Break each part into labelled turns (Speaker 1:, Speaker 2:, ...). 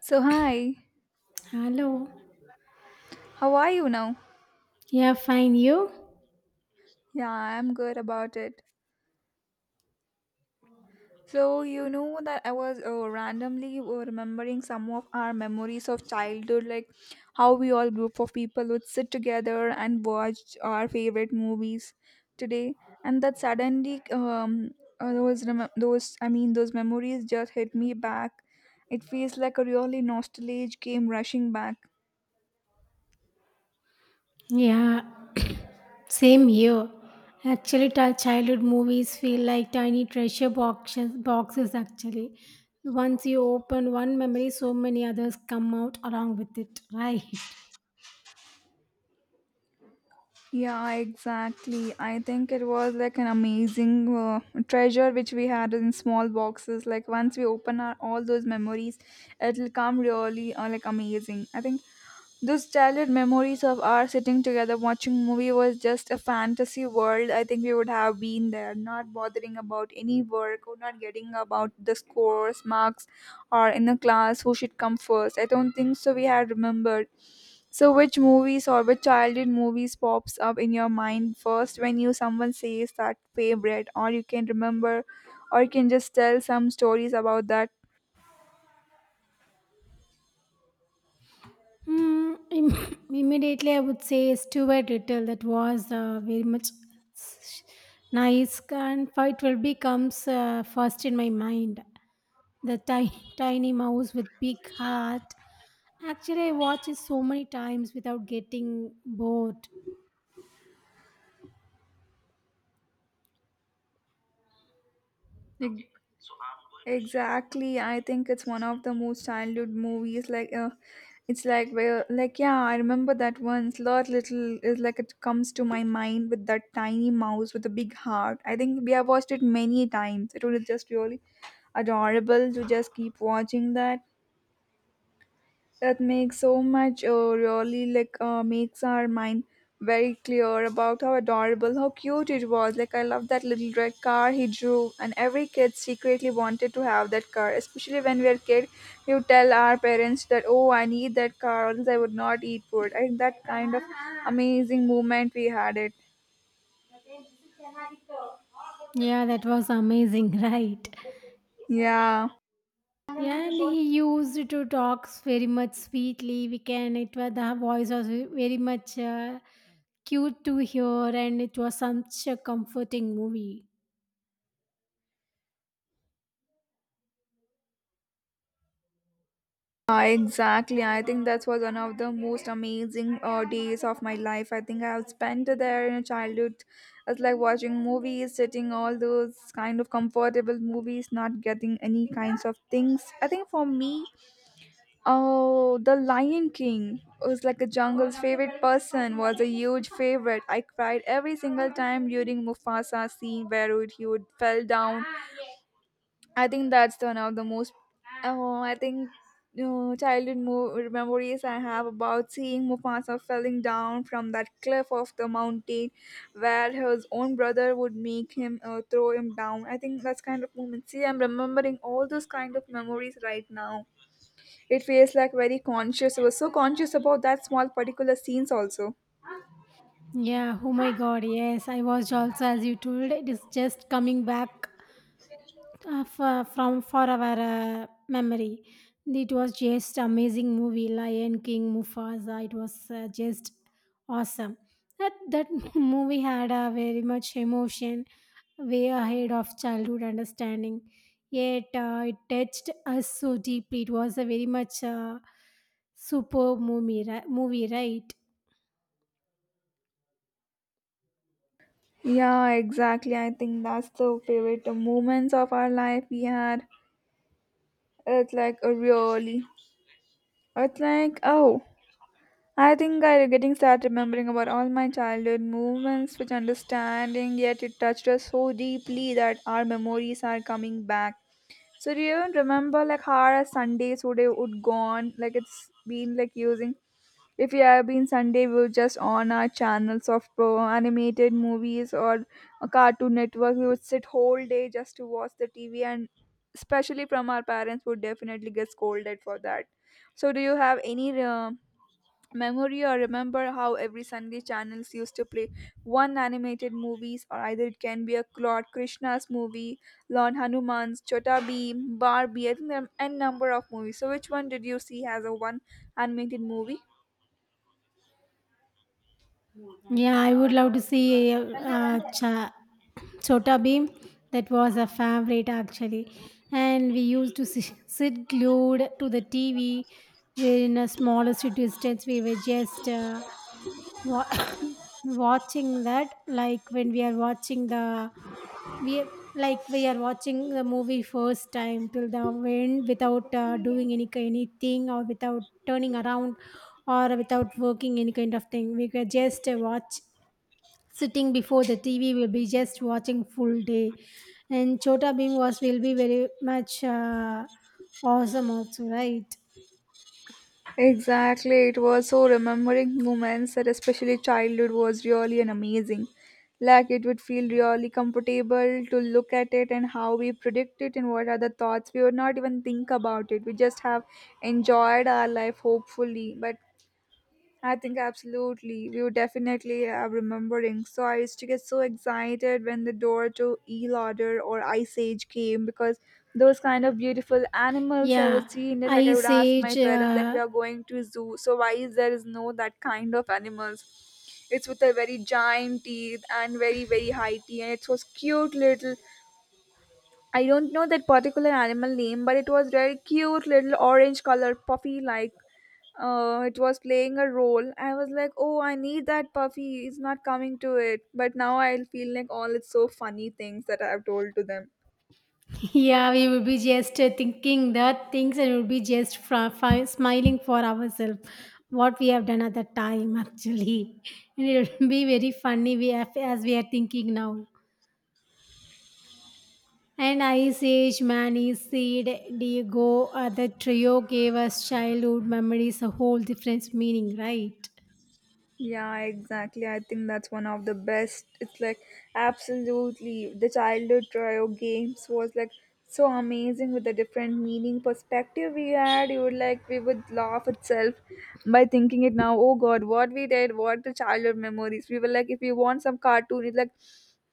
Speaker 1: So, hi,
Speaker 2: Hello.
Speaker 1: how are you now?
Speaker 2: Yeah, fine. You?
Speaker 1: Yeah, I'm good about it. So, you know that I was randomly remembering some of our memories of childhood, like how we all group of people would sit together and watch our favorite movies today, and that suddenly those rem- those I mean those memories just hit me back. It feels like a really nostalgia came rushing back.
Speaker 2: Yeah, same here. Actually, childhood movies feel like tiny treasure boxes, actually. Once you open one memory, so many others come out along with it, right?
Speaker 1: Yeah, exactly. I think it was like an amazing treasure which we had in small boxes. Like once we open our, all those memories, it'll come really like amazing. I think those childhood memories of our sitting together watching movie was just a fantasy world. I think we would have been there, not bothering about any work or not getting about the scores, marks, or in the class who should come first. I don't think so. We had remembered so, which movies or which childhood movies pops up in your mind first when you someone says that favorite, or you can remember, or you can just tell some stories about that?
Speaker 2: Immediately, I would say Stuart Little. That was very much s- nice, and Fight Will Becomes first in my mind. The tiny mouse with big heart. Actually, I watched it so many times without getting bored.
Speaker 1: Ex- Exactly, I think it's one of the most childhood movies. Like, it's like where, like, yeah, I remember that once. Lot little is like it comes to my mind with that tiny mouse with a big heart. I think we have watched it many times. It was just really adorable to just keep watching that makes so much really like makes our mind very clear about how adorable how cute it was, like, I love that little red car he drew, and every kid secretly wanted to have that car, especially when we are kid. You tell our parents that, oh, I need that car, or else I would not eat food. I think that kind of amazing moment we had it.
Speaker 2: Yeah, that was amazing, right?
Speaker 1: Yeah.
Speaker 2: Yeah, and he used to talk very much sweetly. It was the voice was very much cute to hear, and it was such a comforting movie.
Speaker 1: Exactly. I think that was one of the most amazing days of my life. I think I have spent there in a childhood. It's like watching movies, sitting all those kind of comfortable movies, not getting any kinds of things. I think for me, oh, The Lion King was like a jungle's favorite person, was a huge favorite. I cried every single time during Mufasa scene where he would fell down. I think that's the one of the most. Oh, I think childhood memories I have about seeing Mufasa falling down from that cliff of the mountain, where his own brother would make him throw him down. I think that's kind of moment. See, I'm remembering all those kind of memories right now. It feels like very conscious. I was so conscious about that small particular scenes also.
Speaker 2: Yeah, oh my god, yes, I watched also as you told, it is just coming back for our memory. It was just amazing movie, Lion King, Mufasa. It was just awesome. That movie had a very much emotion, way ahead of childhood understanding. Yet it touched us so deeply. It was a very much superb movie, right?
Speaker 1: Yeah, exactly. I think that's the favorite moments of our life we had. It's like a really. It's like, oh, I think I'm getting sad remembering about all my childhood movements, which understanding, yet it touched us so deeply that our memories are coming back. So do you even remember like how our Sundays would gone? Like it's been like using. If we have been Sunday, we were just on our channels of pro animated movies or a Cartoon Network. We would sit whole day just to watch the TV, and especially from our parents would definitely get scolded for that. So do you have any? Memory or remember how every Sunday channels used to play one animated movies, or either it can be a Lord Krishna's movie, Lord Hanuman's, Chota Bheem, Barbie. I think there are n number of movies. So which one did you see as a one animated movie?
Speaker 2: Yeah, I would love to see Chota Beam. That was a favorite actually. And we used to sit glued to the TV. We're in a smaller city states. We were just wa- watching that, like when we are watching the we are- like we are watching the movie first time till the end without doing anything or without turning around or without working any kind of thing. We could just watch sitting before the TV will be just watching full day. And Chota Bhim was will be very much awesome also, right?
Speaker 1: Exactly, it was so remembering moments that especially childhood was really an amazing. Like it would feel really comfortable to look at it and how we predict it and what are the thoughts. We would not even think about it. We just have enjoyed our life hopefully. But I think absolutely. We were definitely remembering. So I used to get so excited when the door to E Lauder or Ice Age came because those kind of beautiful animals I was
Speaker 2: Yeah,
Speaker 1: seeing it. Like I would
Speaker 2: Ice
Speaker 1: ask my
Speaker 2: Age.
Speaker 1: parents, like we are going to zoo, so why is there is no that kind of animals? It's with a very giant teeth and very very high teeth, and it was cute little. I don't know that particular animal name, but it was very cute little orange color puffy like. It was playing a role. I was like, oh, I need that puffy. It's not coming to it. But now I feel like all it's so funny things that I've told to them.
Speaker 2: Yeah, we will be just thinking that things and we'll be just smiling for ourselves. What we have done at that time, actually, and it will be very funny. We have, as we are thinking now. And Ice Age, Manny, Seed, Diego, the trio gave us childhood memories a whole different meaning, right?
Speaker 1: Yeah, exactly. I think that's one of the best. It's like absolutely the childhood trio games was like so amazing with the different meaning perspective we had. You would like we would laugh itself by thinking it now. Oh God, what we did, what the childhood memories. We were like, if we want some cartoon, it's like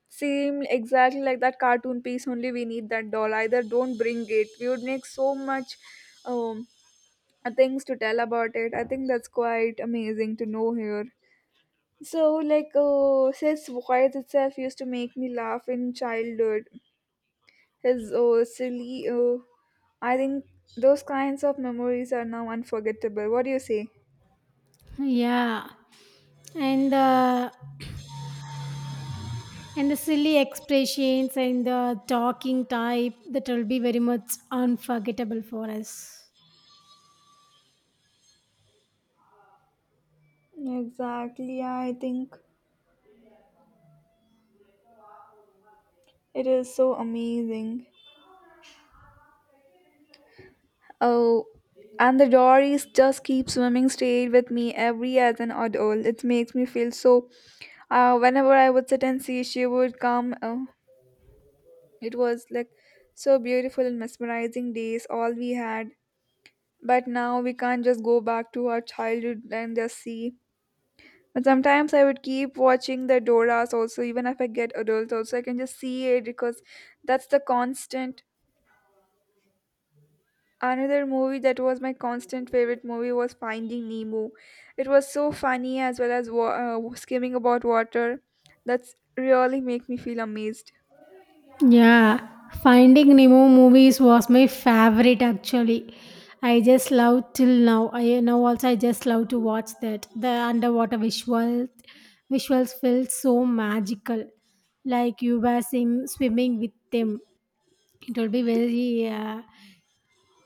Speaker 1: same exactly like that cartoon piece only. We need that doll, either don't bring it. We would make so much um things to tell about it. I think that's quite amazing to know here. So, like, his voice itself used to make me laugh in childhood. His silly, I think those kinds of memories are now unforgettable. What do you say?
Speaker 2: Yeah. And the and the silly expressions and the talking type that will be very much unforgettable for us.
Speaker 1: Exactly, I think it is so amazing. Oh, and the Dories just keep swimming stayed with me every as an adult. It makes me feel so. Whenever I would sit and see, she would come. It was like so beautiful and mesmerizing days all we had, but now we can't just go back to our childhood and just see. But sometimes I would keep watching the Doras also, even if I get adult also, I can just see it because that's the constant. Another movie that was my constant favorite movie was Finding Nemo. It was so funny as well as skimming about water. That's really make me feel amazed.
Speaker 2: Yeah, Finding Nemo movies was my favorite actually. I just love till now. I now also I just love to watch that. The underwater visuals felt so magical. Like you were swimming with them. It will be very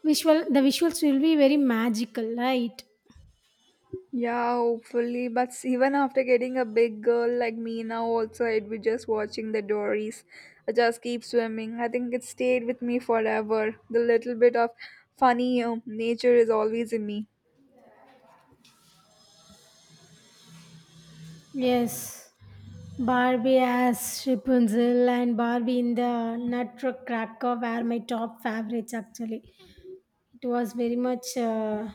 Speaker 2: visual. The visuals will be very magical, right?
Speaker 1: Yeah, hopefully. But even after getting a big girl like me now, also, I'd be just watching the Dories. I just keep swimming. I think it stayed with me forever. The little bit of funny nature is always in me.
Speaker 2: Yes. Barbie as Rapunzel and Barbie in the Nutcracker were my top favorites actually. It was very much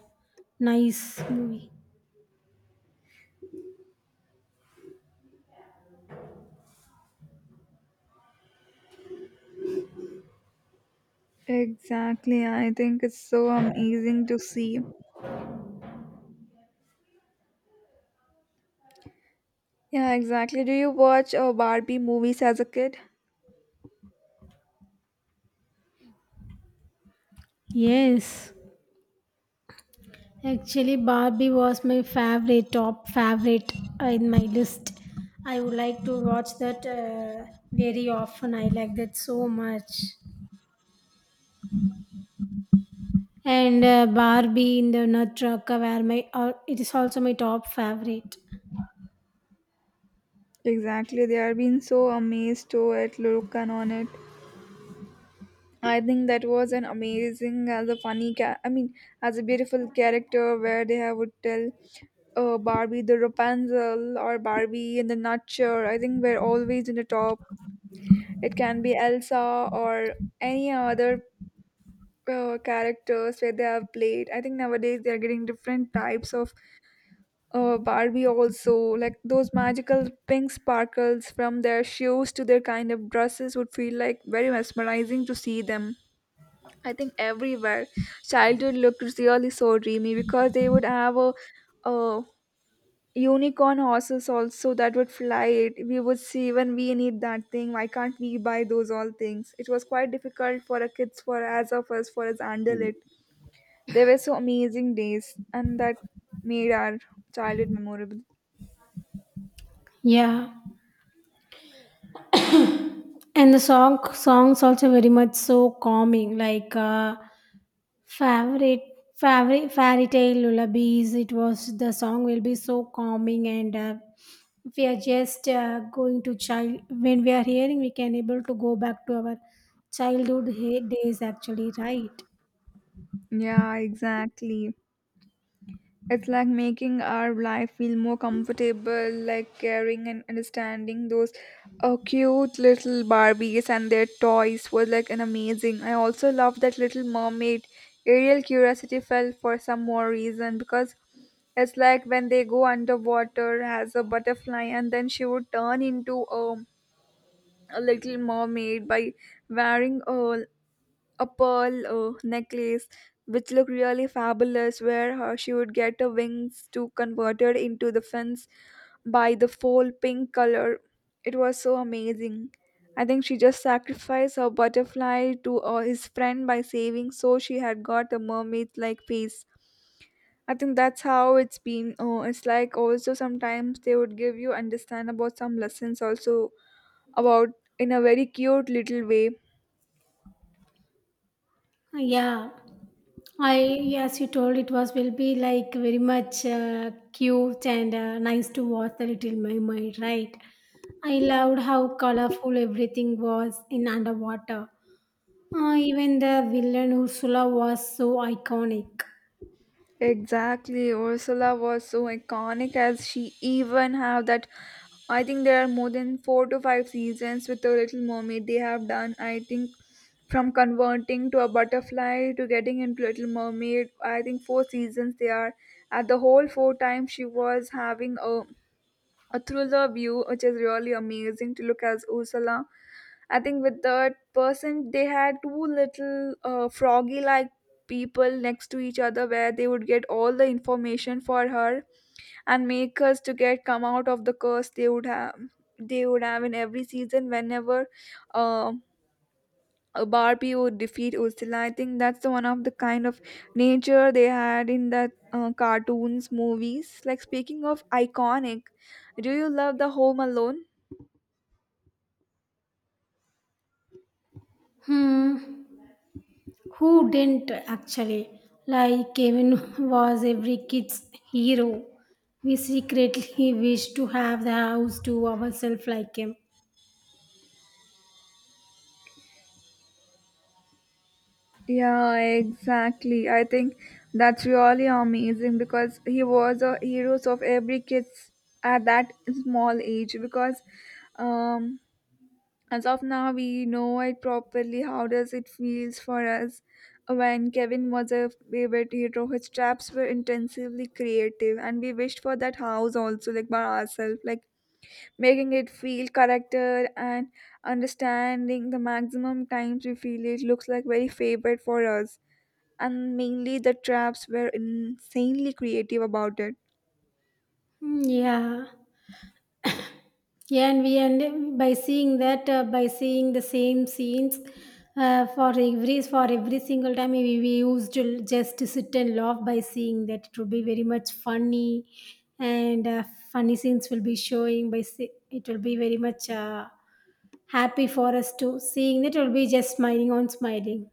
Speaker 2: nice movie.
Speaker 1: Exactly. I think it's so amazing to see. Yeah, exactly. Do you watch Barbie movies as a kid?
Speaker 2: Yes, actually, Barbie was my favorite, top favorite in my list. I would like to watch that very often. I like that so much. And Barbie in the Nut Truck were my. It is also my top favorite.
Speaker 1: Exactly. They are being so amazed to it, look and on it. I think that was an amazing as a funny I mean as a beautiful character where they have would tell Barbie the Rapunzel or Barbie in the Nutshell. I think we're always in the top. It can be Elsa or any other characters where they have played. I think nowadays they are getting different types of Barbie also. Like those magical pink sparkles from their shoes to their kind of dresses would feel like very mesmerizing to see them. I think everywhere childhood looked really so dreamy because they would have a, unicorn horses also that would fly it. We would see when we need that thing, why can't we buy those all things? It was quite difficult for a kids for as of us for us handle it. They were so amazing days and that made our childhood memorable.
Speaker 2: Yeah, and the songs also very much so calming. Like favorite favorite fairy tale lullabies, it was the song will be so calming and we are just going to child when we are hearing, we can able to go back to our childhood days actually, right?
Speaker 1: Yeah, exactly. It's like making our life feel more comfortable, like caring and understanding those cute little Barbies and their toys was like an amazing. I also love that Little Mermaid. Ariel curiosity fell for some more reason because it's like when they go underwater as a butterfly, and then she would turn into a little mermaid by wearing a pearl necklace which looked really fabulous, where her, she would get her wings to converted into the fins by the full pink color. It was so amazing. I think she just sacrificed her butterfly to his friend by saving, so she had got a mermaid like face. I think that's how it's been. Oh, it's like, also sometimes they would give you understand about some lessons also about in a very cute little way.
Speaker 2: Yeah i as you told, it was will be like very much cute and nice to watch the little mermaid, right? I loved how colorful everything was in underwater. Ah, even the villain Ursula was so iconic.
Speaker 1: Exactly, Ursula was so iconic as she even have that. I think there are more than four to five seasons with the Little Mermaid they have done. I think from converting to a butterfly to getting into Little Mermaid, I think four seasons they are. At the whole four times she was having a through the view, which is really amazing to look as Ursula. I think with that person, they had two little froggy like people next to each other where they would get all the information for her and make us to get come out of the curse they would have in every season whenever um Barbie would defeat Ursula. I think that's the one of the kind of nature they had in that cartoons, movies. Like speaking of iconic, do you love the Home Alone?
Speaker 2: Hmm, who didn't actually? Like Kevin was every kid's hero. We secretly wish to have the house to ourselves like him.
Speaker 1: Yeah, exactly. I think that's really amazing because he was a heroes of every kids at that small age because um as of now, we know it properly how does it feels for us. When Kevin was a favorite hero, his traps were intensively creative, and we wished for that house also, like by ourselves, like making it feel character and understanding the maximum times we feel it looks like very favorite for us. And mainly the traps were insanely creative about it.
Speaker 2: Hmm. Yeah. Yeah, and we end up by seeing that by seeing the same scenes for every single time we used to just sit and laugh by seeing that it will be very much funny, and funny scenes will be showing by see, it will be very much happy for us to seeing that it will be just smiling on smiling.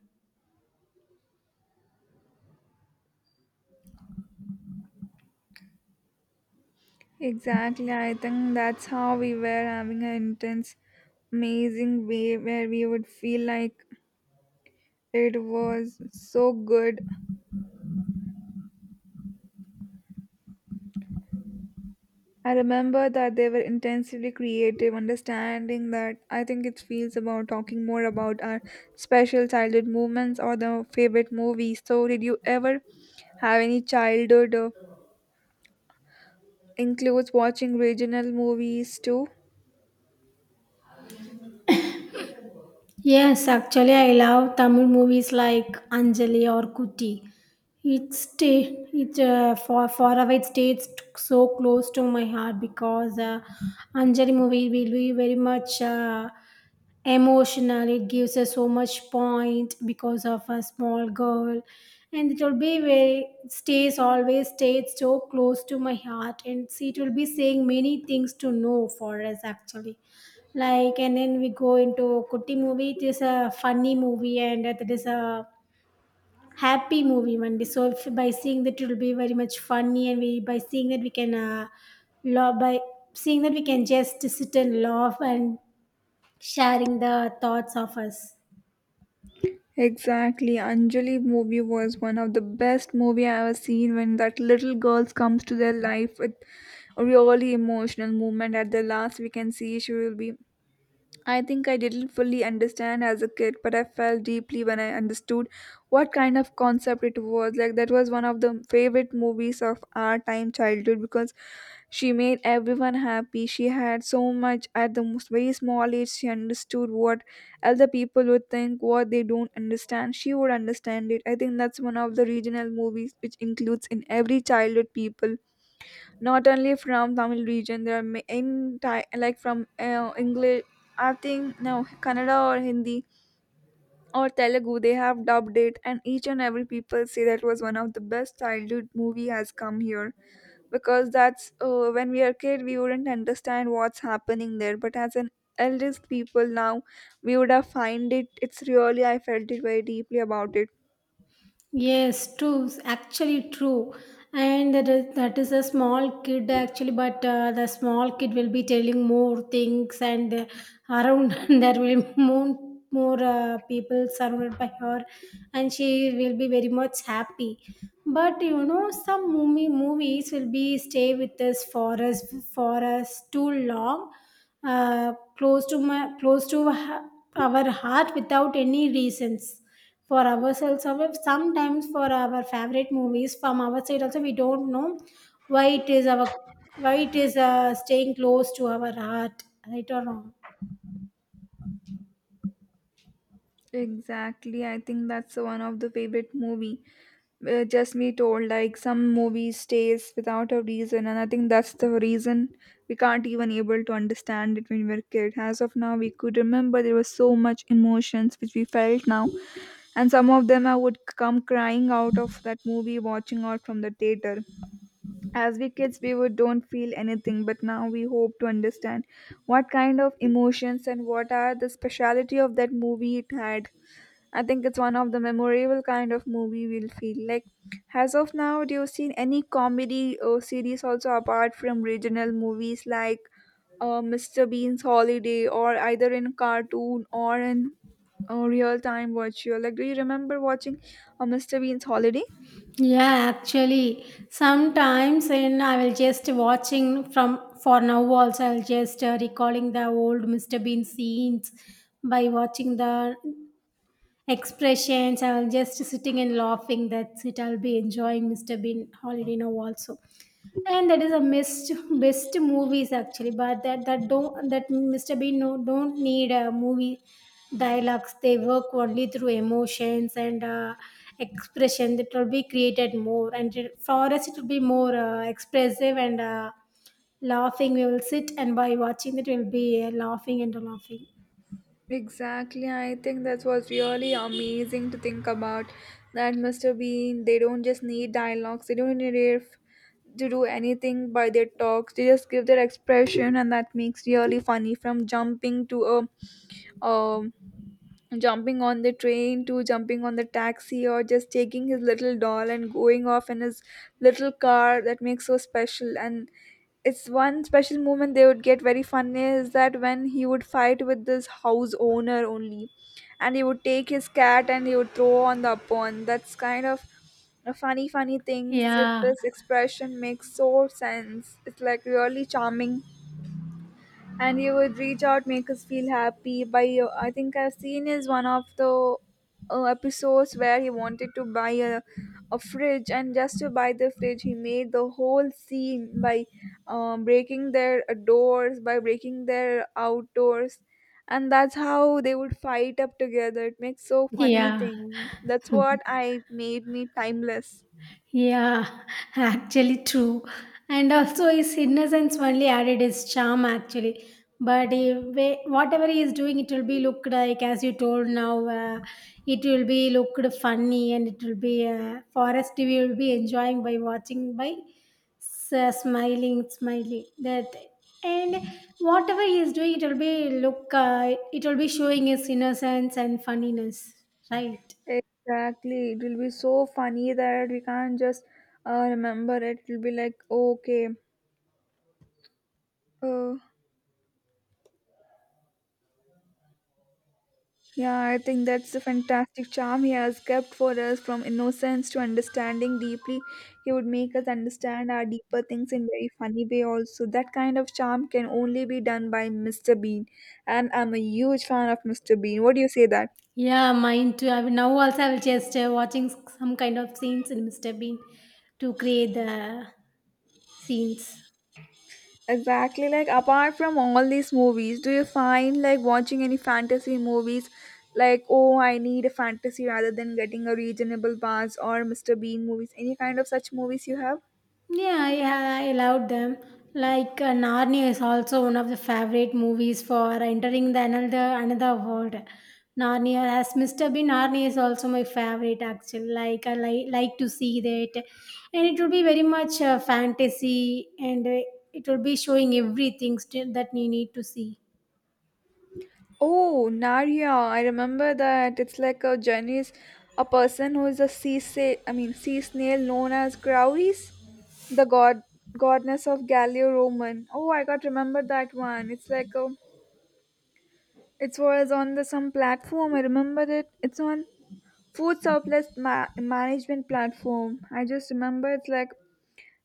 Speaker 1: Exactly, I think that's how we were having an intense, amazing way where we would feel like it was so good. I remember that they were intensively creative, understanding that I think it feels about talking more about our special childhood movements or the favorite movies. So, did you ever have any childhood includes watching regional movies too?
Speaker 2: Yes, actually, I love Tamil movies like Anjali or Kuti. It stay it far far away, it stays so close to my heart because Anjali movie will be very much. Emotional, it gives us so much point because of a small girl, and it will be very stays always stayed so close to my heart, and see it will be saying many things to know for us actually. Like, and then we go into kutti movie, it is a funny movie and it is a happy movie one day. So if, by seeing that it will be very much funny, and we by seeing that we can love by seeing that we can just sit and laugh and sharing the thoughts of us.
Speaker 1: Exactly, Anjali movie was one of the best movie I ever seen. When that little girl comes to their life with a really emotional moment at the last, we can see she will be, I think I didn't fully understand as a kid, but I felt deeply when I understood what kind of concept it was. Like, that was one of the favorite movies of our time childhood because she made everyone happy. She had so much at the most very small age. She understood what other people would think, what they don't understand. She would understand it. I think that's one of the regional movies which includes in every childhood people not only from Tamil region. There are in Thai, like from English. I think no Kannada or Hindi or Telugu. They have dubbed it, and each and every people say that was one of the best childhood movie has come here because that's when we are kid we wouldn't understand what's happening there, but as an eldest people now we would have find it, it's really, I felt it very deeply about it.
Speaker 2: Yes, true. Actually, true. And that is a small kid actually, but the small kid will be telling more things, and around there will be more people surrounded by her, and she will be very much happy. But you know, some movies will be stay with us for us too long, close to our heart without any reasons for ourselves, or sometimes for our favorite movies from our side also we don't know why it is our why it is staying close to our heart, right or wrong.
Speaker 1: Exactly, I think that's one of the favorite movie. Uh, just me told like some movie stays without a reason and I think that's the reason we can't even able to understand it. When we were kid, as of now we could remember there was so much emotions which we felt now, and some of them I would come crying out of that movie watching out from the theater. As we kids we would don't feel anything, but now we hope to understand what kind of emotions and what are the speciality of that movie it had. I think it's one of the memorable kind of movie we'll feel like. As of now, do you see any comedy or series also apart from regional movies like Mr. Bean's Holiday or either in cartoon or in real time virtual? Like, do you remember watching Mr. Bean's Holiday?
Speaker 2: Yeah, actually, sometimes in I will just watching from for now also I'll just recalling the old Mr. Bean scenes by watching the expressions. I'll just sitting and laughing. That's it. I'll be enjoying Mr. Bean Holiday Now also. And that is a missed best movies actually, but that Mr. Bean no don't need a movie dialogues. They work only through emotions and expression that will be created more. And it- for us, it will be more expressive and laughing. We will sit and by watching it, we'll be laughing and laughing.
Speaker 1: Exactly, I think that was really amazing to think about that Mr. Bean, they don't just need dialogues, they don't need to do anything by their talks. They just give their expression and that makes really funny, from jumping to a um jumping on the train, to jumping on the taxi, or just taking his little doll and going off in his little car. That makes so special. And it's one special moment they would get very funny is that when he would fight with this house owner only and he would take his cat and he would throw on the upon. That's kind of a funny things with
Speaker 2: Yeah,
Speaker 1: this expression, makes so sense. It's like really charming. And he would reach out, make us feel happy by, I think I've seen is one of the episodes where he wanted to buy a fridge, and just to buy the fridge he made the whole scene by breaking their doors, by breaking their outdoors. And that's how they would fight up together. It makes so funny
Speaker 2: yeah.
Speaker 1: thing, that's what I made me timeless.
Speaker 2: Yeah, actually true. And also his innocence only added his charm actually. But if, whatever he is doing, it will be looked like, as you told now, it will be looked funny, and it will be, Forest TV will be enjoying by watching, by smiling, smiling. That. And whatever he is doing, it will be look, it will be showing his innocence and funniness, right?
Speaker 1: Exactly. It will be so funny that we can't just remember it. It will be like, okay, oh, yeah, I think that's the fantastic charm he has kept for us, from innocence to understanding deeply. He would make us understand our deeper things in very funny way also. That kind of charm can only be done by Mr. Bean. And I'm a huge fan of Mr. Bean. What do you say that?
Speaker 2: Yeah, mine too. I mean, now also I will just watching some kind of scenes in Mr. Bean to create the scenes.
Speaker 1: Exactly, like apart from all these movies, do you find like watching any fantasy movies, like oh I need a fantasy rather than getting a reasonable buzz or Mr. Bean movies, any kind of such movies you have?
Speaker 2: Yeah, yeah, I loved them. Like Narnia is also one of the favorite movies for entering the another world. Narnia, as Mr. Bean, Narnia is also my favorite actually. Like I like to see that, and it will be very much fantasy, and it will be showing everything still that you need to see.
Speaker 1: Oh, Narya, I remember that. It's like a journeys, a person who is a I mean sea snail known as Grauris, the god goddess of Gallio Roman. Oh, I got remember that one. It's like a, it was on the some platform. I remember it. It's on food surplus management platform. I just remember it's like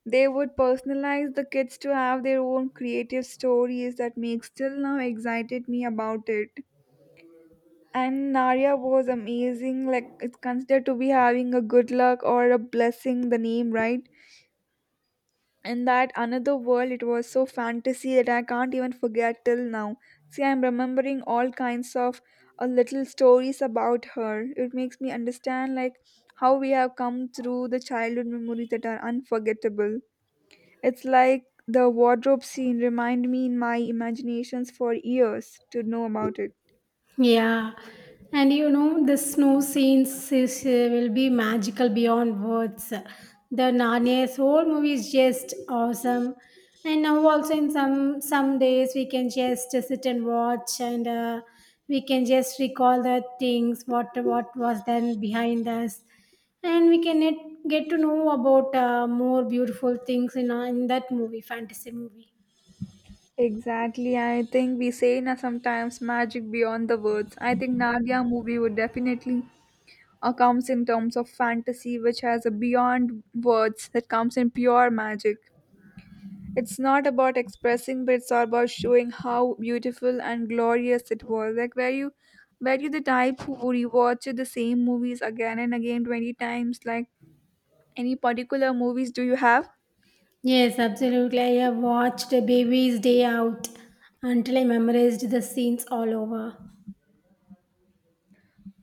Speaker 1: they would personalize the kids to have their own creative stories that makes till now excited me about it. And Narya was amazing. Like it's considered to be having a good luck or a blessing, the name, right? And that another world, it was so fantasy that I can't even forget till now. See, I'm remembering all kinds of little stories about her. It makes me understand like how we have come through the childhood memories that are unforgettable. It's like the wardrobe scene remind me in my imaginations for years to know about it.
Speaker 2: Yeah, and you know, the snow scenes is, will be magical beyond words. The Narnia's whole movie is just awesome. And now also in some days we can just sit and watch, and we can just recall the things what was then behind us, and we can get to know about more beautiful things in that movie, fantasy movie.
Speaker 1: Exactly. I think we say na sometimes magic beyond the words. I think Nadia movie would definitely comes in terms of fantasy, which has a beyond words that comes in pure magic. It's not about expressing, but it's all about showing how beautiful and glorious it was. Like were you the type who would rewatch the same movies again and again 20 times? Like any particular movies do you have?
Speaker 2: Yes, absolutely. I have watched Baby's Day Out until I memorized the scenes all over.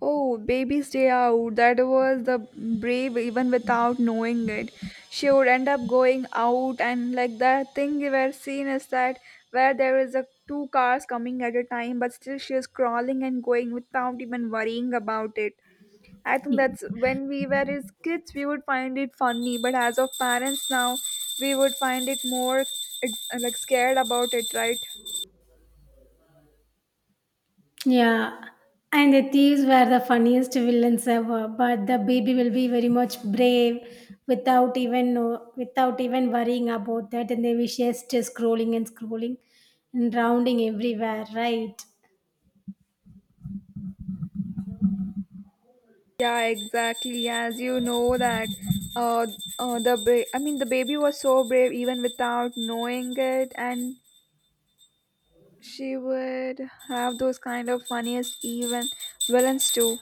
Speaker 1: Oh, baby, stay Out. That was the brave even without knowing it. She would end up going out, and like that thing we were seeing is that where there is a two cars coming at a time, but still she is crawling and going without even worrying about it. I think
Speaker 2: Y-
Speaker 1: that's when we were as kids we would find it funny, but as of parents now we would find it more like scared about it, right?
Speaker 2: Yeah, and the thieves were the funniest villains ever. But the baby will be very much brave without even know, without even worrying about that, and they will just scrolling and scrolling and rounding everywhere, right?
Speaker 1: Yeah, exactly. As you know that uh, I mean the baby was so brave even without knowing it, and she would have those kind of funniest even villains too.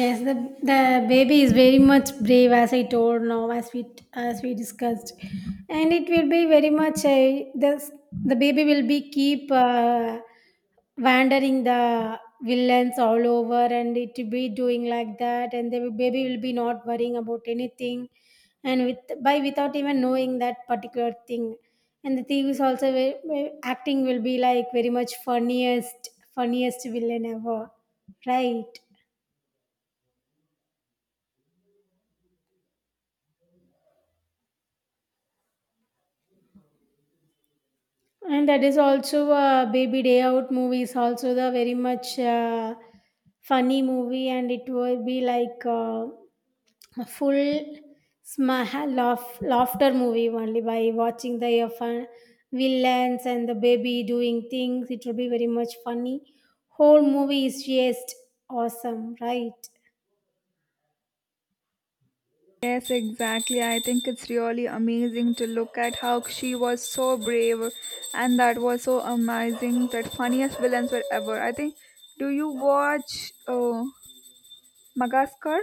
Speaker 2: Yes, the baby is very much brave, as I told now, as we discussed, and it will be very much the baby will be keep wandering the villains all over, and it will be doing like that, and the baby will be not worrying about anything, and with by without even knowing that particular thing, and the thief is also acting will be like very much funniest villain ever, right? And that is also Baby Day Out movie is also the very much funny movie, and it will be like a full laughter movie only by watching the fun villains and the baby doing things. It will be very much funny. Whole movie is just awesome, right?
Speaker 1: Yes, exactly. I think it's really amazing to look at how she was so brave and that was so amazing that funniest villains were ever. I think do you watch Madagascar?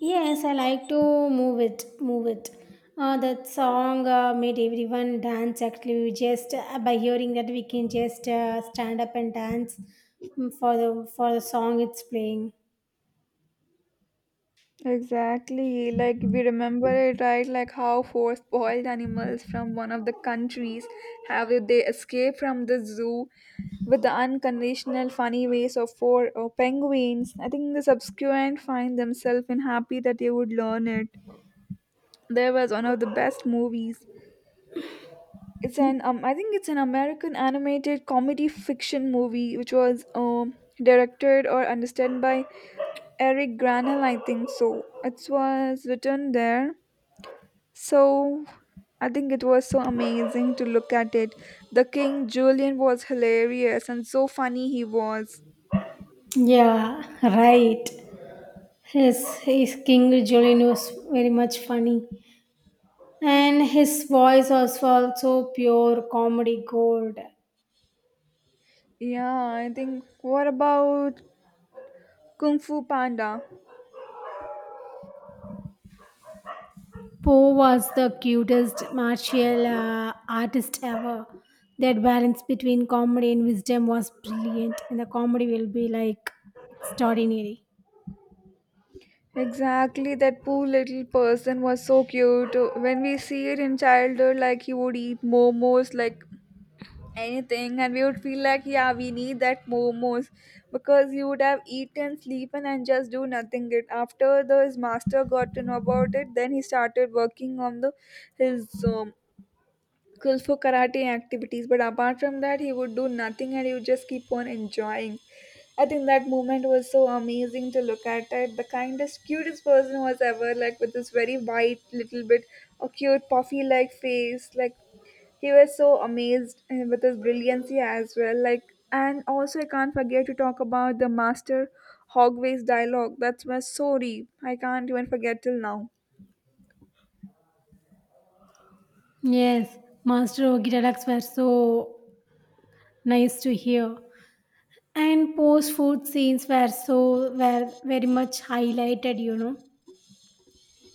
Speaker 2: Yes, I like to move it, move it. That song made everyone dance. Actually, we just by hearing that we can just stand up and dance mm, for the song it's playing.
Speaker 1: Exactly, like we remember it, right? Like how four spoiled animals from one of the countries they escape from the zoo with the unconventional funny ways of four penguins. I think the subsequent find themselves in happy that they would learn it. There was one of the best movies. It's an I think it's an American animated comedy fiction movie which was directed or understood by Eric Granell, I think so. It was written there. So I think it was so amazing to look at it. The King Julian was hilarious and so funny he was.
Speaker 2: Yeah, right. His King Jolene was very much funny, and his voice was also pure comedy gold.
Speaker 1: Yeah, I think what about Kung Fu Panda?
Speaker 2: Poe was the cutest martial artist ever. That balance between comedy and wisdom was brilliant, and the comedy will be like extraordinary.
Speaker 1: Exactly, that poor little person was so cute. When we see it in childhood, like he would eat momos like anything, and we would feel like yeah we need that momos because you would have eaten sleepen and just do nothing it. After the, his master got to know about it, then he started working on the his kung fu karate activities, but apart from that he would do nothing and he would just keep on enjoying. I think that moment was so amazing to look at it. The kindest cutest person was ever, like with this very white little bit a cute puffy like face. Like he was so amazed with his brilliancy as well. Like, and also I can't forget to talk about the master Hogway's dialogue. That was so deep, I can't even forget till now.
Speaker 2: Yes, Master Ogiralax were so nice to hear. And post food scenes were so were very much highlighted, you know.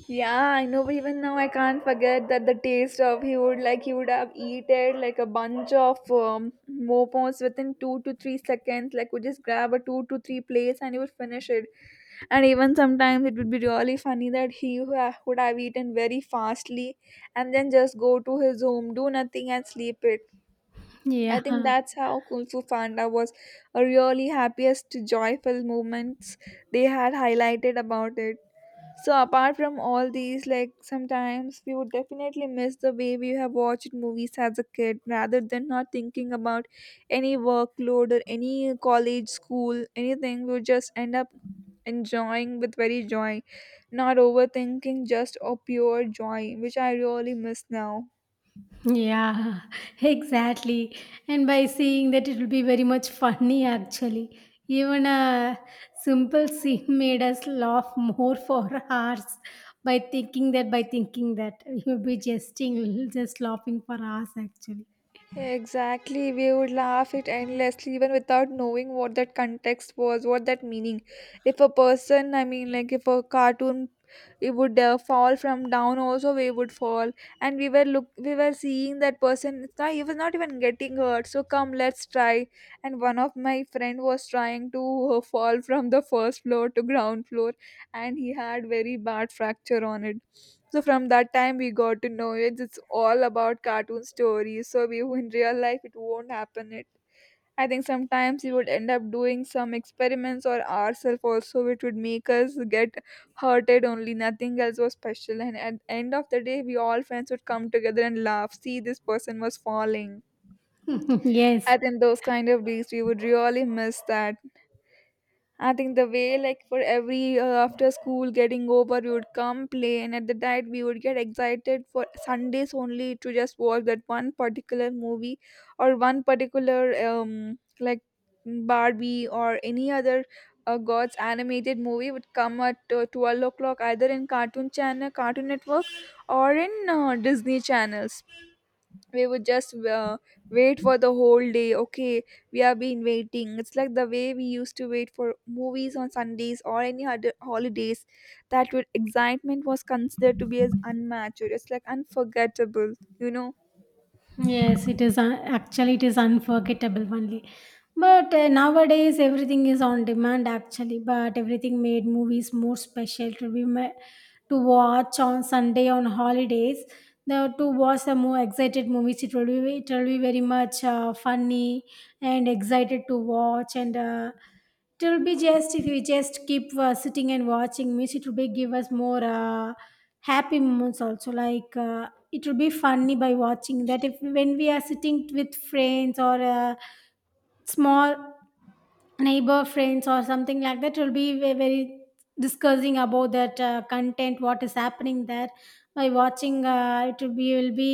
Speaker 1: Yeah, I know, but even now I can't forget that the taste of he would, like he would have eaten like a bunch of mopons within 2 to 3 seconds. Like we just grab a 2 to 3 plates and he would finish it. And even sometimes it would be really funny that he would have eaten very fastly and then just go to his home, do nothing and sleep it. I
Speaker 2: Yeah.
Speaker 1: think that's how Kung Fu Panda was a really happiest, joyful moments they had highlighted about it. So apart from all these, like sometimes we would definitely miss the way we have watched movies as a kid rather than not thinking about any workload or any college, school, anything. We would just end up enjoying with very joy, not overthinking, just a pure joy, which I really miss now.
Speaker 2: Yeah, exactly. And by saying that, it will be very much funny actually. Even a simple scene made us laugh more for hours by thinking that. You'll be jesting, we'll just laughing for hours actually.
Speaker 1: Exactly, we would laugh it endlessly even without knowing what that context was, what that meaning. If a person, I mean, like if a cartoon, it would fall from down, also we would fall, and we were seeing that person. It's not, he was not even getting hurt. So come, let's try. And one of my friend was trying to fall from the first floor to ground floor, and he had very bad fracture on it. So from that time we got to know it. It's all about cartoon stories. So we in real life it won't happen. It I think sometimes we would end up doing some experiments or ourselves also, which would make us get hurted only. Nothing else was special. And at the end of the day, we all friends would come together and laugh. See, this person was falling.
Speaker 2: Yes.
Speaker 1: I think those kind of days we would really miss that. I think the way, like, for every after school getting over, we would come play, and at the night, we would get excited for Sundays only to just watch that one particular movie or one particular, um, like, Barbie or any other God's animated movie would come at 12 o'clock, either in Cartoon Channel, Cartoon Network, or in Disney Channels. We would just wait for the whole day. Okay, we have been waiting, it's like the way we used to wait for movies on Sundays or any other holidays. That would excitement was considered to be as unmatched, it's like unforgettable you know
Speaker 2: Yes, it is actually it is unforgettable only. But nowadays everything is on demand actually. But everything made movies more special to to watch on Sunday on holidays. Now to watch the more excited movies, it will be very much funny and excited to watch and. It will be just if you just keep sitting and watching means it will be give us more happy moments also it will be funny by watching that if when we are sitting with friends or small neighbor friends or something like that, it will be very discussing about that content what is happening there by watching, it will be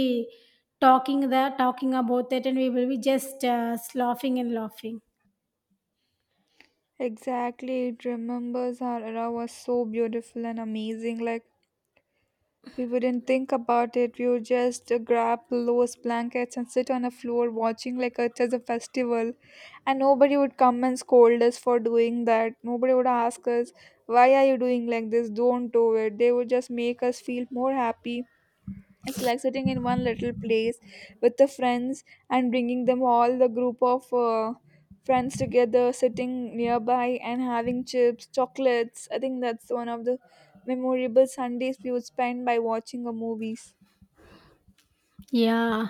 Speaker 2: talking there talking about that, and we will be just laughing and laughing.
Speaker 1: exactly, it remembers our era was so beautiful and amazing. Like, we wouldn't think about it. We would just grab those blankets and sit on a floor watching like it is a festival. And nobody would come and scold us for doing that. Nobody would ask us, why are you doing like this? Don't do it. They would just make us feel more happy. It's like sitting in one little place with the friends and bringing them all the group of friends together, sitting nearby and having chips, chocolates. I think that's one of the memorable Sundays we would spend by watching a movies.
Speaker 2: Yeah.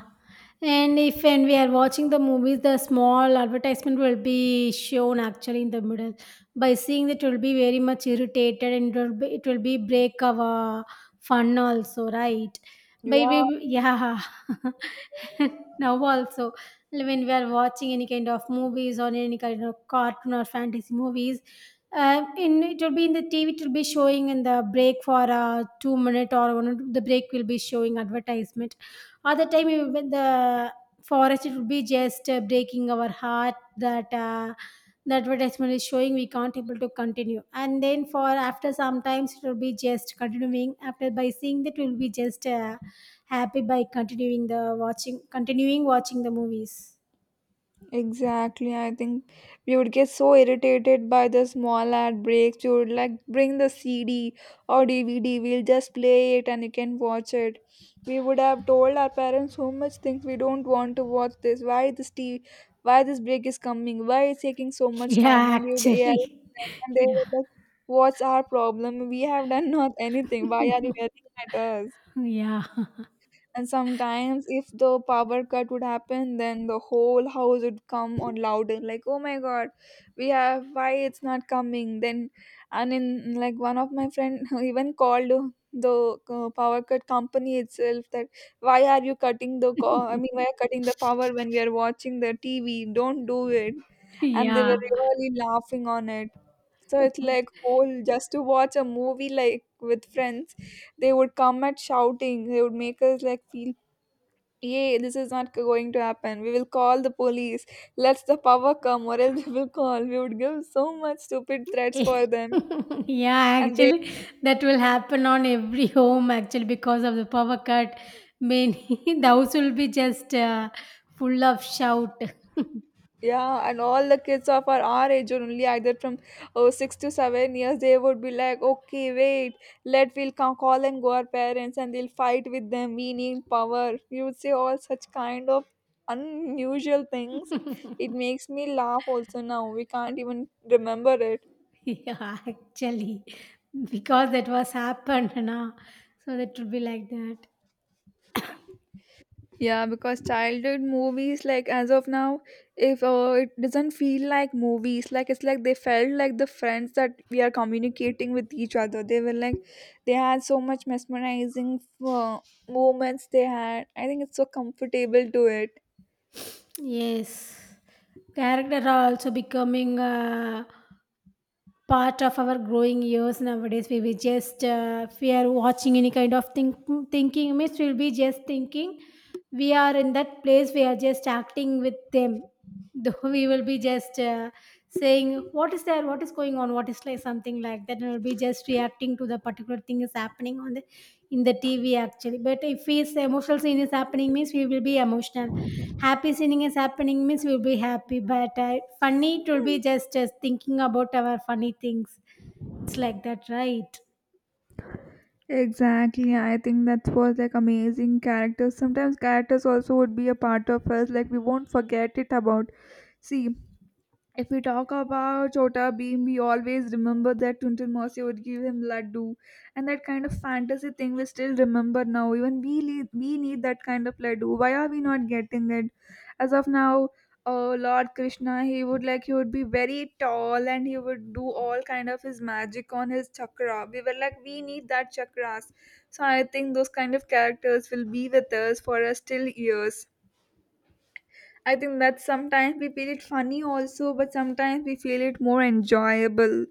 Speaker 2: And if when we are watching the movies, the small advertisement will be shown actually in the middle. By seeing that, will be very much irritated, and it will be break our fun also, right? By
Speaker 1: Yeah,
Speaker 2: we, yeah. Now also, when we are watching any kind of movies or any kind of cartoon or fantasy movies, in it will be in the TV. It will be showing in the break for a 2 minute or one. The break will be showing advertisement other time, when the forest, it would be just breaking our heart that the advertisement is showing, we can't able to continue. And then for after sometimes it will be just continuing. After by seeing that, we'll be just happy by continuing the watching, continuing watching the movies.
Speaker 1: exactly. I think we would get so irritated by the small ad breaks. We would like bring the CD or DVD. We'll just play it and you can watch it. We would have told our parents so much things we don't want to watch this. Why this TV? Why this break is coming? Why it's taking so much time?
Speaker 2: Yeah,
Speaker 1: And we would yell,
Speaker 2: actually.
Speaker 1: and they
Speaker 2: Yeah.
Speaker 1: would like, "What's our problem? We have done not anything. Why are you yelling at us?"
Speaker 2: Yeah.
Speaker 1: And sometimes, if the power cut would happen, then the whole house would come on louder, like, oh my god, we have, why it's not coming? Then, and in like one of my friend even called the power cut company itself that why are you cutting the why are you cutting the power when we are watching the TV? Don't do it. And they
Speaker 2: Yeah.
Speaker 1: were really laughing on it. So it's like whole just to watch a movie like with friends, they would come at shouting, they would make us like feel, yay, this is not going to happen. We will call the police. Let the power come, or else we will call. We would give so much stupid threats
Speaker 2: Eh,
Speaker 1: for them.
Speaker 2: yeah,
Speaker 1: And they,
Speaker 2: actually, that will happen on every home actually because of the power cut. Many the house will be just full of shout.
Speaker 1: yeah, and all the kids of our, age, or only either from oh, six to seven years, they would be like, okay, wait, let we'll come, call and go our parents and they'll fight with them. We need power. You would say all such kind of unusual things. It makes me laugh also now. We can't even remember it.
Speaker 2: Yeah, actually, because that was happened now, so that will be like that.
Speaker 1: Yeah, because childhood movies, like as of now, if it doesn't feel like movies, like it's like they felt like the friends that we are communicating with each other. They were like, they had so much mesmerizing uh, moments they had. I think it's so comfortable to it.
Speaker 2: Yes, character are also becoming part of our growing years nowadays. We will just if we are watching any kind of thinking means we'll be just thinking we are in that place, we are just acting with them. Though we will be just saying what is there, what is going on, what is like something like that, and we'll be just reacting to the particular thing is happening on the in the tv actually. But if his emotional scene is happening means we will be emotional. Happy singing is happening means we'll be happy, but funny it will be just thinking about our funny things. It's like that, right?
Speaker 1: Exactly, I think that was like amazing characters. Sometimes characters also would be a part of us, like we won't forget it about. See, if we talk about Chota Beam, we always remember that Tuntun Mosi would give him laddu, and that kind of fantasy thing we still remember now. Even we need that kind of laddu. Why are we not getting it? As of now, Lord Krishna, he would like he would be very tall and he would do all kind of his magic on his chakra. We were like, we need that chakras. So I think those kind of characters will be with us for us till years. I think that sometimes we feel it funny also, but sometimes we feel it more enjoyable.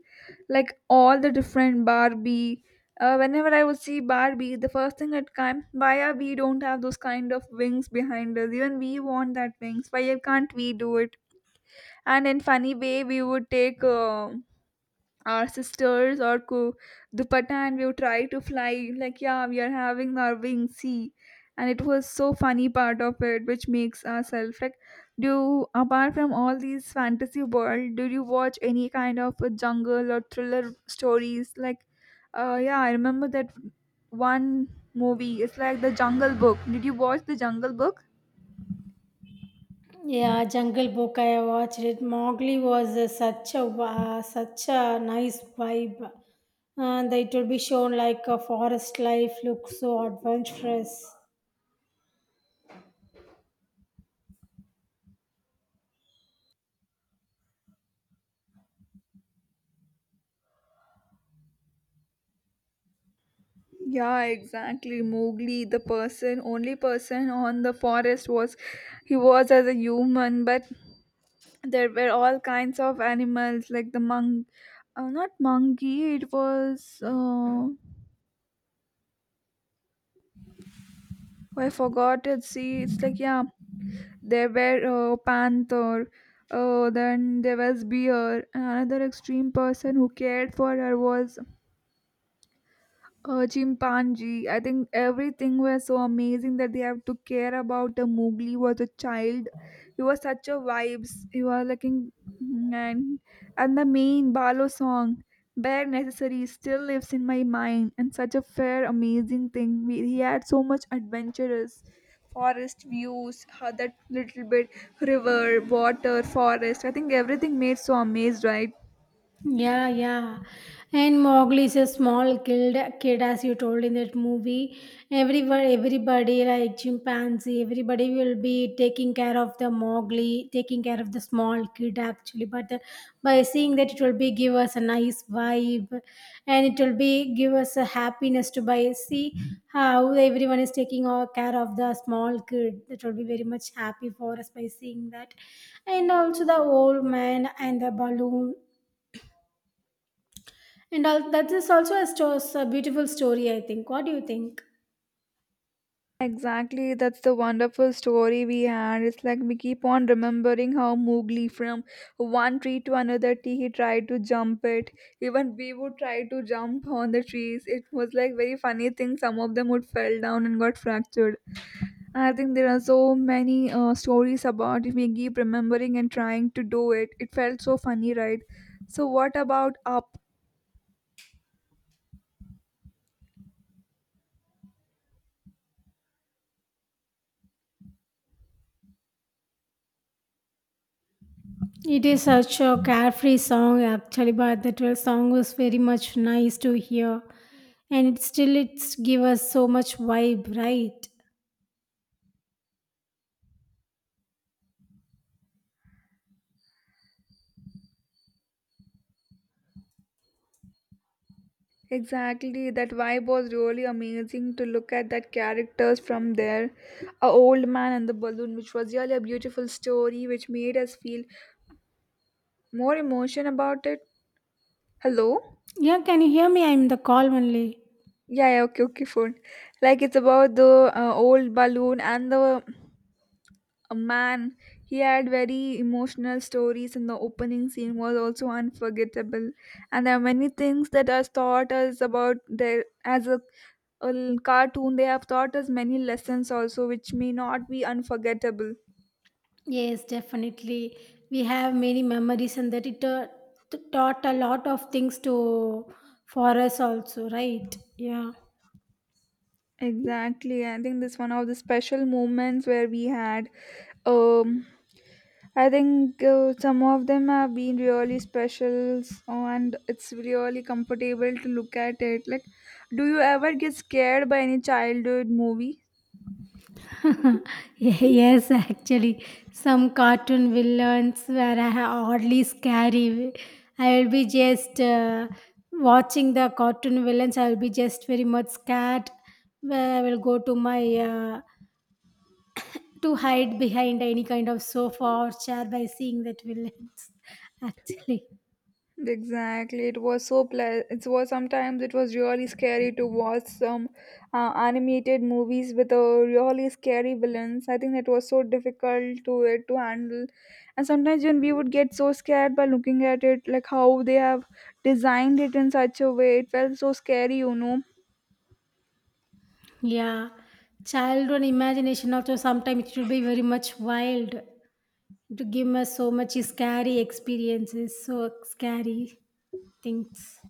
Speaker 1: Like all the different Barbie. Whenever I would see Barbie, the first thing that comes, why are we don't have those kind of wings behind us? Even we want that wings. Why can't we do it? And in funny way, we would take our sisters or ku dupatta and we would try to fly, like, yeah, we are having our wings, see. And it was so funny part of it which makes ourselves like do. Apart from all these fantasy world, do you watch any kind of a jungle or thriller stories? Like, yeah, I remember that one movie, it's like the Jungle Book. Did you watch the Jungle Book?
Speaker 2: Yeah, Jungle Book. I watched it. Mowgli was such a nice vibe, and it will be shown like a forest life looks so adventurous.
Speaker 1: Yeah, exactly, Mowgli, the person, only person on the forest was, he was as a human, but there were all kinds of animals like the monk, not monkey, it was I forgot it, see, it's like, yeah, there were panther, then there was bear. Another extreme person who cared for her was chimpanzee. I think everything was so amazing that they have to care about a Mowgli was a child. He was such a vibes. He was like in, and and the main Balo song, bare necessary, still lives in my mind. And such a fair, amazing thing. We, he had so much adventurous forest views, how that little bit river, water, forest. I think everything made so amazed, right?
Speaker 2: Yeah, yeah. And Mowgli is a small kid, as you told in that movie. Everyone, everybody like chimpanzee, everybody will be taking care of the Mowgli, taking care of the small kid actually. But the, by seeing that, it will be give us a nice vibe, and it will be give us a happiness to by see how everyone is taking all care of the small kid. That will be very much happy for us by seeing that, and also the old man and the balloon and all, that is also a beautiful story, I think. What do you think?
Speaker 1: Exactly, that's the wonderful story we had. It's like we keep on remembering how Mowgli, from one tree to another tree, he tried to jump it. Even we would try to jump on the trees. It was like very funny thing. Some of them would fell down and got fractured. I think there are so many stories about if we keep remembering and trying to do it. It felt so funny, right? So, what about Up?
Speaker 2: It is such a carefree song, actually, but the 12th song was very much nice to hear. And it still it's give us so much vibe, right?
Speaker 1: Exactly, that vibe was really amazing to look at that characters from there. A old man and the balloon, which was really a beautiful story, which made us feel more emotion about it. Hello?
Speaker 2: Yeah, can you hear me? I'm in the call only.
Speaker 1: Yeah, yeah, okay, okay, phone. Like it's about the old balloon and the a man. He had very emotional stories, and the opening scene was also unforgettable. And there are many things that are taught us about their as a, cartoon. They have taught us many lessons also, which may not be unforgettable.
Speaker 2: Yes, definitely. We have many memories, and that it taught a lot of things to for us also, right? Yeah.
Speaker 1: Exactly, I think this one of the special moments where we had um I think some of them have been really special and it's really comfortable to look at it. Like, do you ever get scared by any childhood movie?
Speaker 2: Yes, actually, some cartoon villains were oddly scary. I'll be just watching the cartoon villains. I'll be just very much scared. Where I will go to my to hide behind any kind of sofa or chair by seeing that villains. Actually,
Speaker 1: Exactly, it was so pleasant. It was sometimes it was really scary to watch some animated movies with a really scary villains. I think it was so difficult to it to handle, and sometimes when we would get so scared by looking at it, like how they have designed it in such a way, it felt so scary.
Speaker 2: yeah, childhood imagination also sometimes it will be very much wild to give us so much scary experiences. So scary. Things.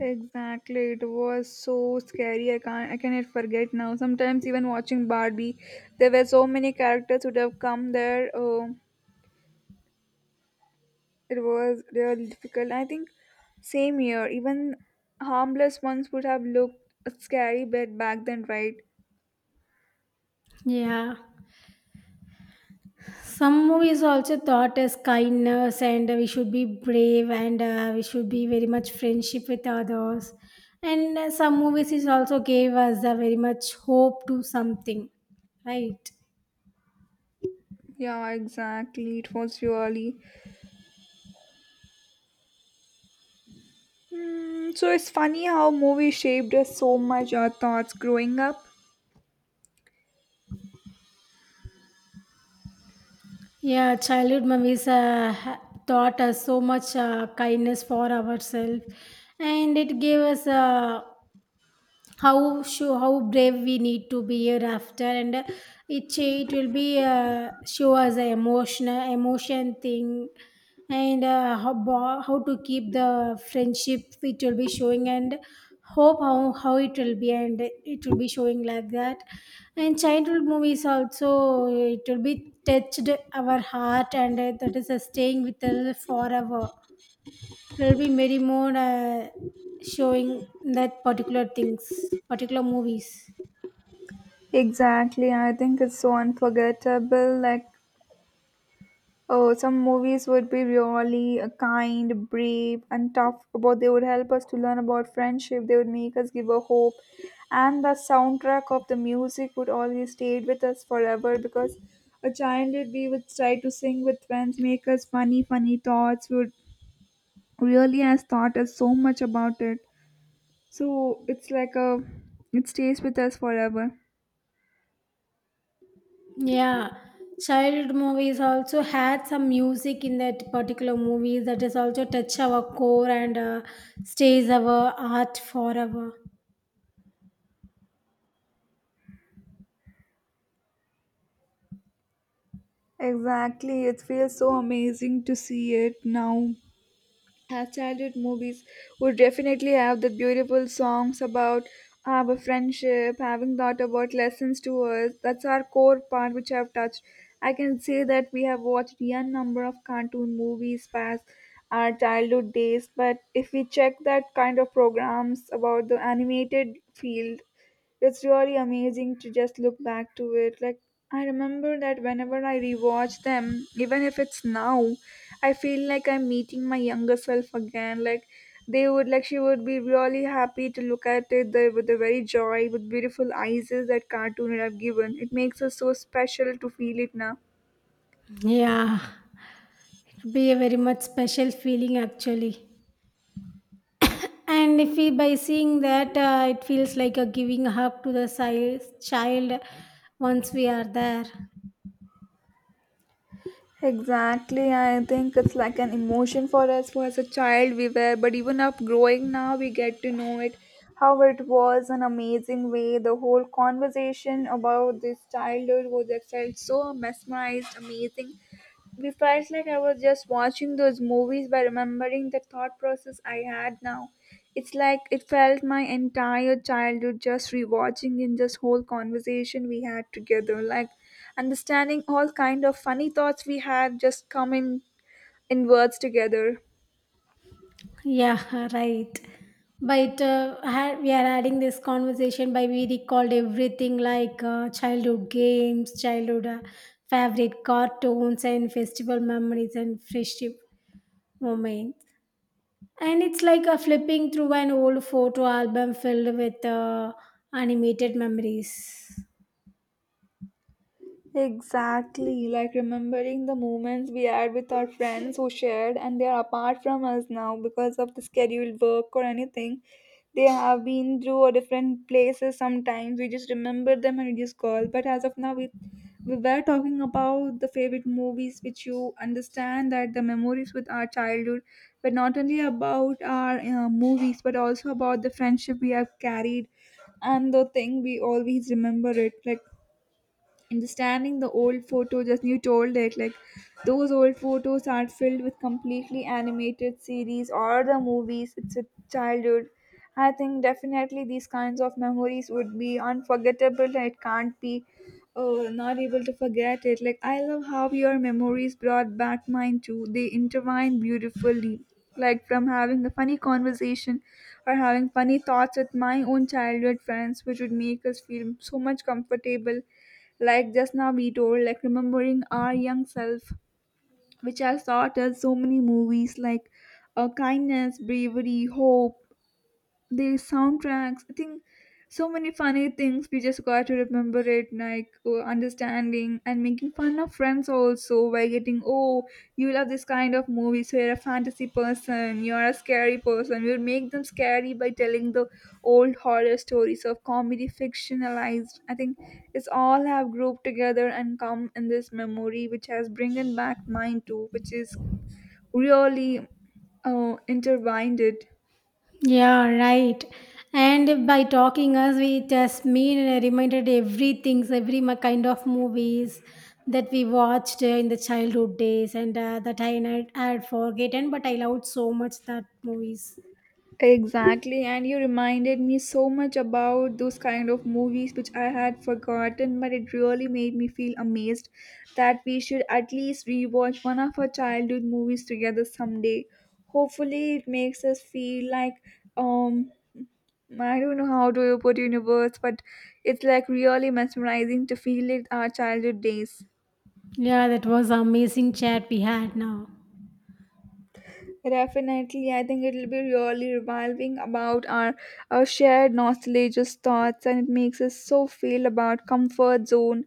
Speaker 1: Exactly, it was so scary. I can't, I cannot forget now. Sometimes even watching Barbie, there were so many characters would have come there. It was really difficult. I think same year, even harmless ones would have looked scary, but back then, right?
Speaker 2: Yeah. Some movies also taught us kindness, and we should be brave, and we should be very much friendship with others. And some movies is also gave us a very much hope to something, right?
Speaker 1: Yeah, exactly. It was really. So it's funny how movies shaped us so much. Our thoughts growing up.
Speaker 2: Yeah, childhood movies taught us so much kindness for ourselves, and it gave us how show how brave we need to be hereafter, and it it will be show us the emotional emotion thing, and how to keep the friendship it will be showing, and hope how it will be, and it will be showing like that. And childhood movies also it will be touched our heart, and that is staying with us forever. There'll be many more showing that particular things, particular movies.
Speaker 1: Exactly, I think it's so unforgettable. Like, oh, some movies would be really kind, brave, and tough. About they would help us to learn about friendship. They would make us give a hope, and the soundtrack of the music would always stay with us forever because a childhood we would try to sing with friends, make us funny thoughts. We would really has taught us so much about it. So it's like a, it stays with us forever.
Speaker 2: Yeah, child movies also had some music in that particular movie that is also touch our core, and stays our heart forever.
Speaker 1: Exactly, it feels so amazing to see it now. Her childhood movies would definitely have the beautiful songs about our friendship, having thought about lessons to us. That's our core part which I've touched. I can say that we have watched a number of cartoon movies past our childhood days, but if we check that kind of programs about the animated field, it's really amazing to just look back to it. Like I remember that whenever I rewatch them, even if it's now, I feel like I'm meeting my younger self again. Like they would like she would be really happy to look at it the, with the very joy, with beautiful eyes is that cartoon would have given. It makes us so special to feel it now.
Speaker 2: Yeah, it would be a very much special feeling actually. And if we by seeing that, it feels like a giving hug to the child once we are there.
Speaker 1: Exactly, I think it's like an emotion for us who as a child we were, but even up growing now we get to know it how it was an amazing way. The whole conversation about this childhood was I felt so mesmerized, amazing. We felt like I was just watching those movies by remembering the thought process I had now. It's like it felt my entire childhood just rewatching in this whole conversation we had together, like understanding all kind of funny thoughts we had just come in words together.
Speaker 2: Yeah, right. But we are adding this conversation by we recalled everything like childhood games, childhood favorite cartoons, and festival memories and friendship moments. And it's like a flipping through an old photo album filled with animated memories.
Speaker 1: Exactly, like remembering the moments we had with our friends who shared and they are apart from us now because of the scheduled work or anything. They have been through a different places sometimes. We just remember them and we just call. But as of now, we were talking about the favorite movies which you understand that the memories with our childhood, but not only about our movies but also about the friendship we have carried and the thing we always remember it, like understanding the old photos as you told it, like those old photos are filled with completely animated series or the movies. It's a childhood. I think definitely these kinds of memories would be unforgettable. It can't be, oh, not able to forget it. Like I love how your memories brought back mine too. They intertwine beautifully, like from having a funny conversation or having funny thoughts with my own childhood friends which would make us feel so much comfortable. Like just now we told, like remembering our young self, which has taught us so many movies, like kindness, bravery, hope, the soundtracks. I think so many funny things we just got to remember it, like understanding and making fun of friends also by getting, oh, you love this kind of movie, so you're a fantasy person, you're a scary person. We'll make them scary by telling the old horror stories of comedy fictionalized. I think it's all have grouped together and come in this memory which has bringing back mine too, which is really intertwined it.
Speaker 2: Yeah, right. And by talking us, we just mean and reminded everything, so every kind of movies that we watched in the childhood days, and that I had, had forgotten, but I loved so much that movies.
Speaker 1: Exactly, and you reminded me so much about those kind of movies which I had forgotten, but it really made me feel amazed that we should at least rewatch one of our childhood movies together someday. Hopefully, it makes us feel like um I don't know how to put universe, but it's like really mesmerizing to feel it our childhood days.
Speaker 2: Yeah, that was amazing chat we had now.
Speaker 1: Definitely, I think it'll be really revolving about our shared nostalgic thoughts, and it makes us so feel about comfort zone.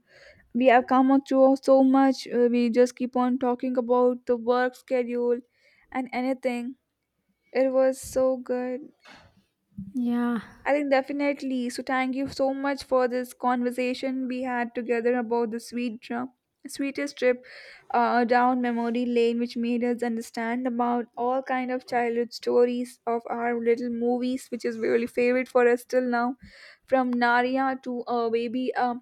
Speaker 1: We have come up to so much. We just keep on talking about the work schedule and anything. It was so good.
Speaker 2: Yeah,
Speaker 1: I think definitely. So thank you so much for this conversation we had together about the sweetest trip down memory lane, which made us understand about all kind of childhood stories of our little movies, which is really favorite for us till now, from Naria to Baby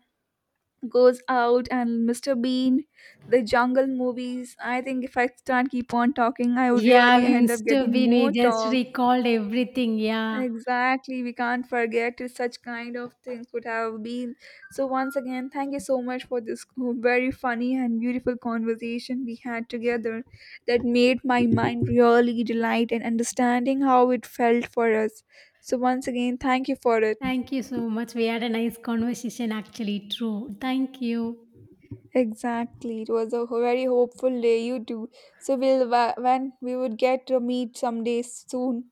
Speaker 1: Goes Out and Mr. Bean, the Jungle movies. I think if I start keep on talking, I would
Speaker 2: yeah,
Speaker 1: really
Speaker 2: we
Speaker 1: end up
Speaker 2: used to
Speaker 1: getting
Speaker 2: be. We
Speaker 1: more
Speaker 2: just
Speaker 1: talk.
Speaker 2: recalled everything. Yeah,
Speaker 1: Exactly, we can't forget that such kind of things could have been. So once again, thank you so much for this very funny and beautiful conversation we had together that made my mind really delight in understanding how it felt for us. So once again, thank you for it.
Speaker 2: thank you so much. We had a nice conversation, actually. True. Thank you.
Speaker 1: Exactly, it was a very hopeful day you too. So we'll when we would get to meet someday soon.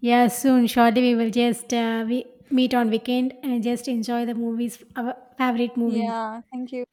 Speaker 2: Yeah, soon, shortly we will just we meet on weekend and just enjoy the movies, our favorite movies.
Speaker 1: Yeah, thank you.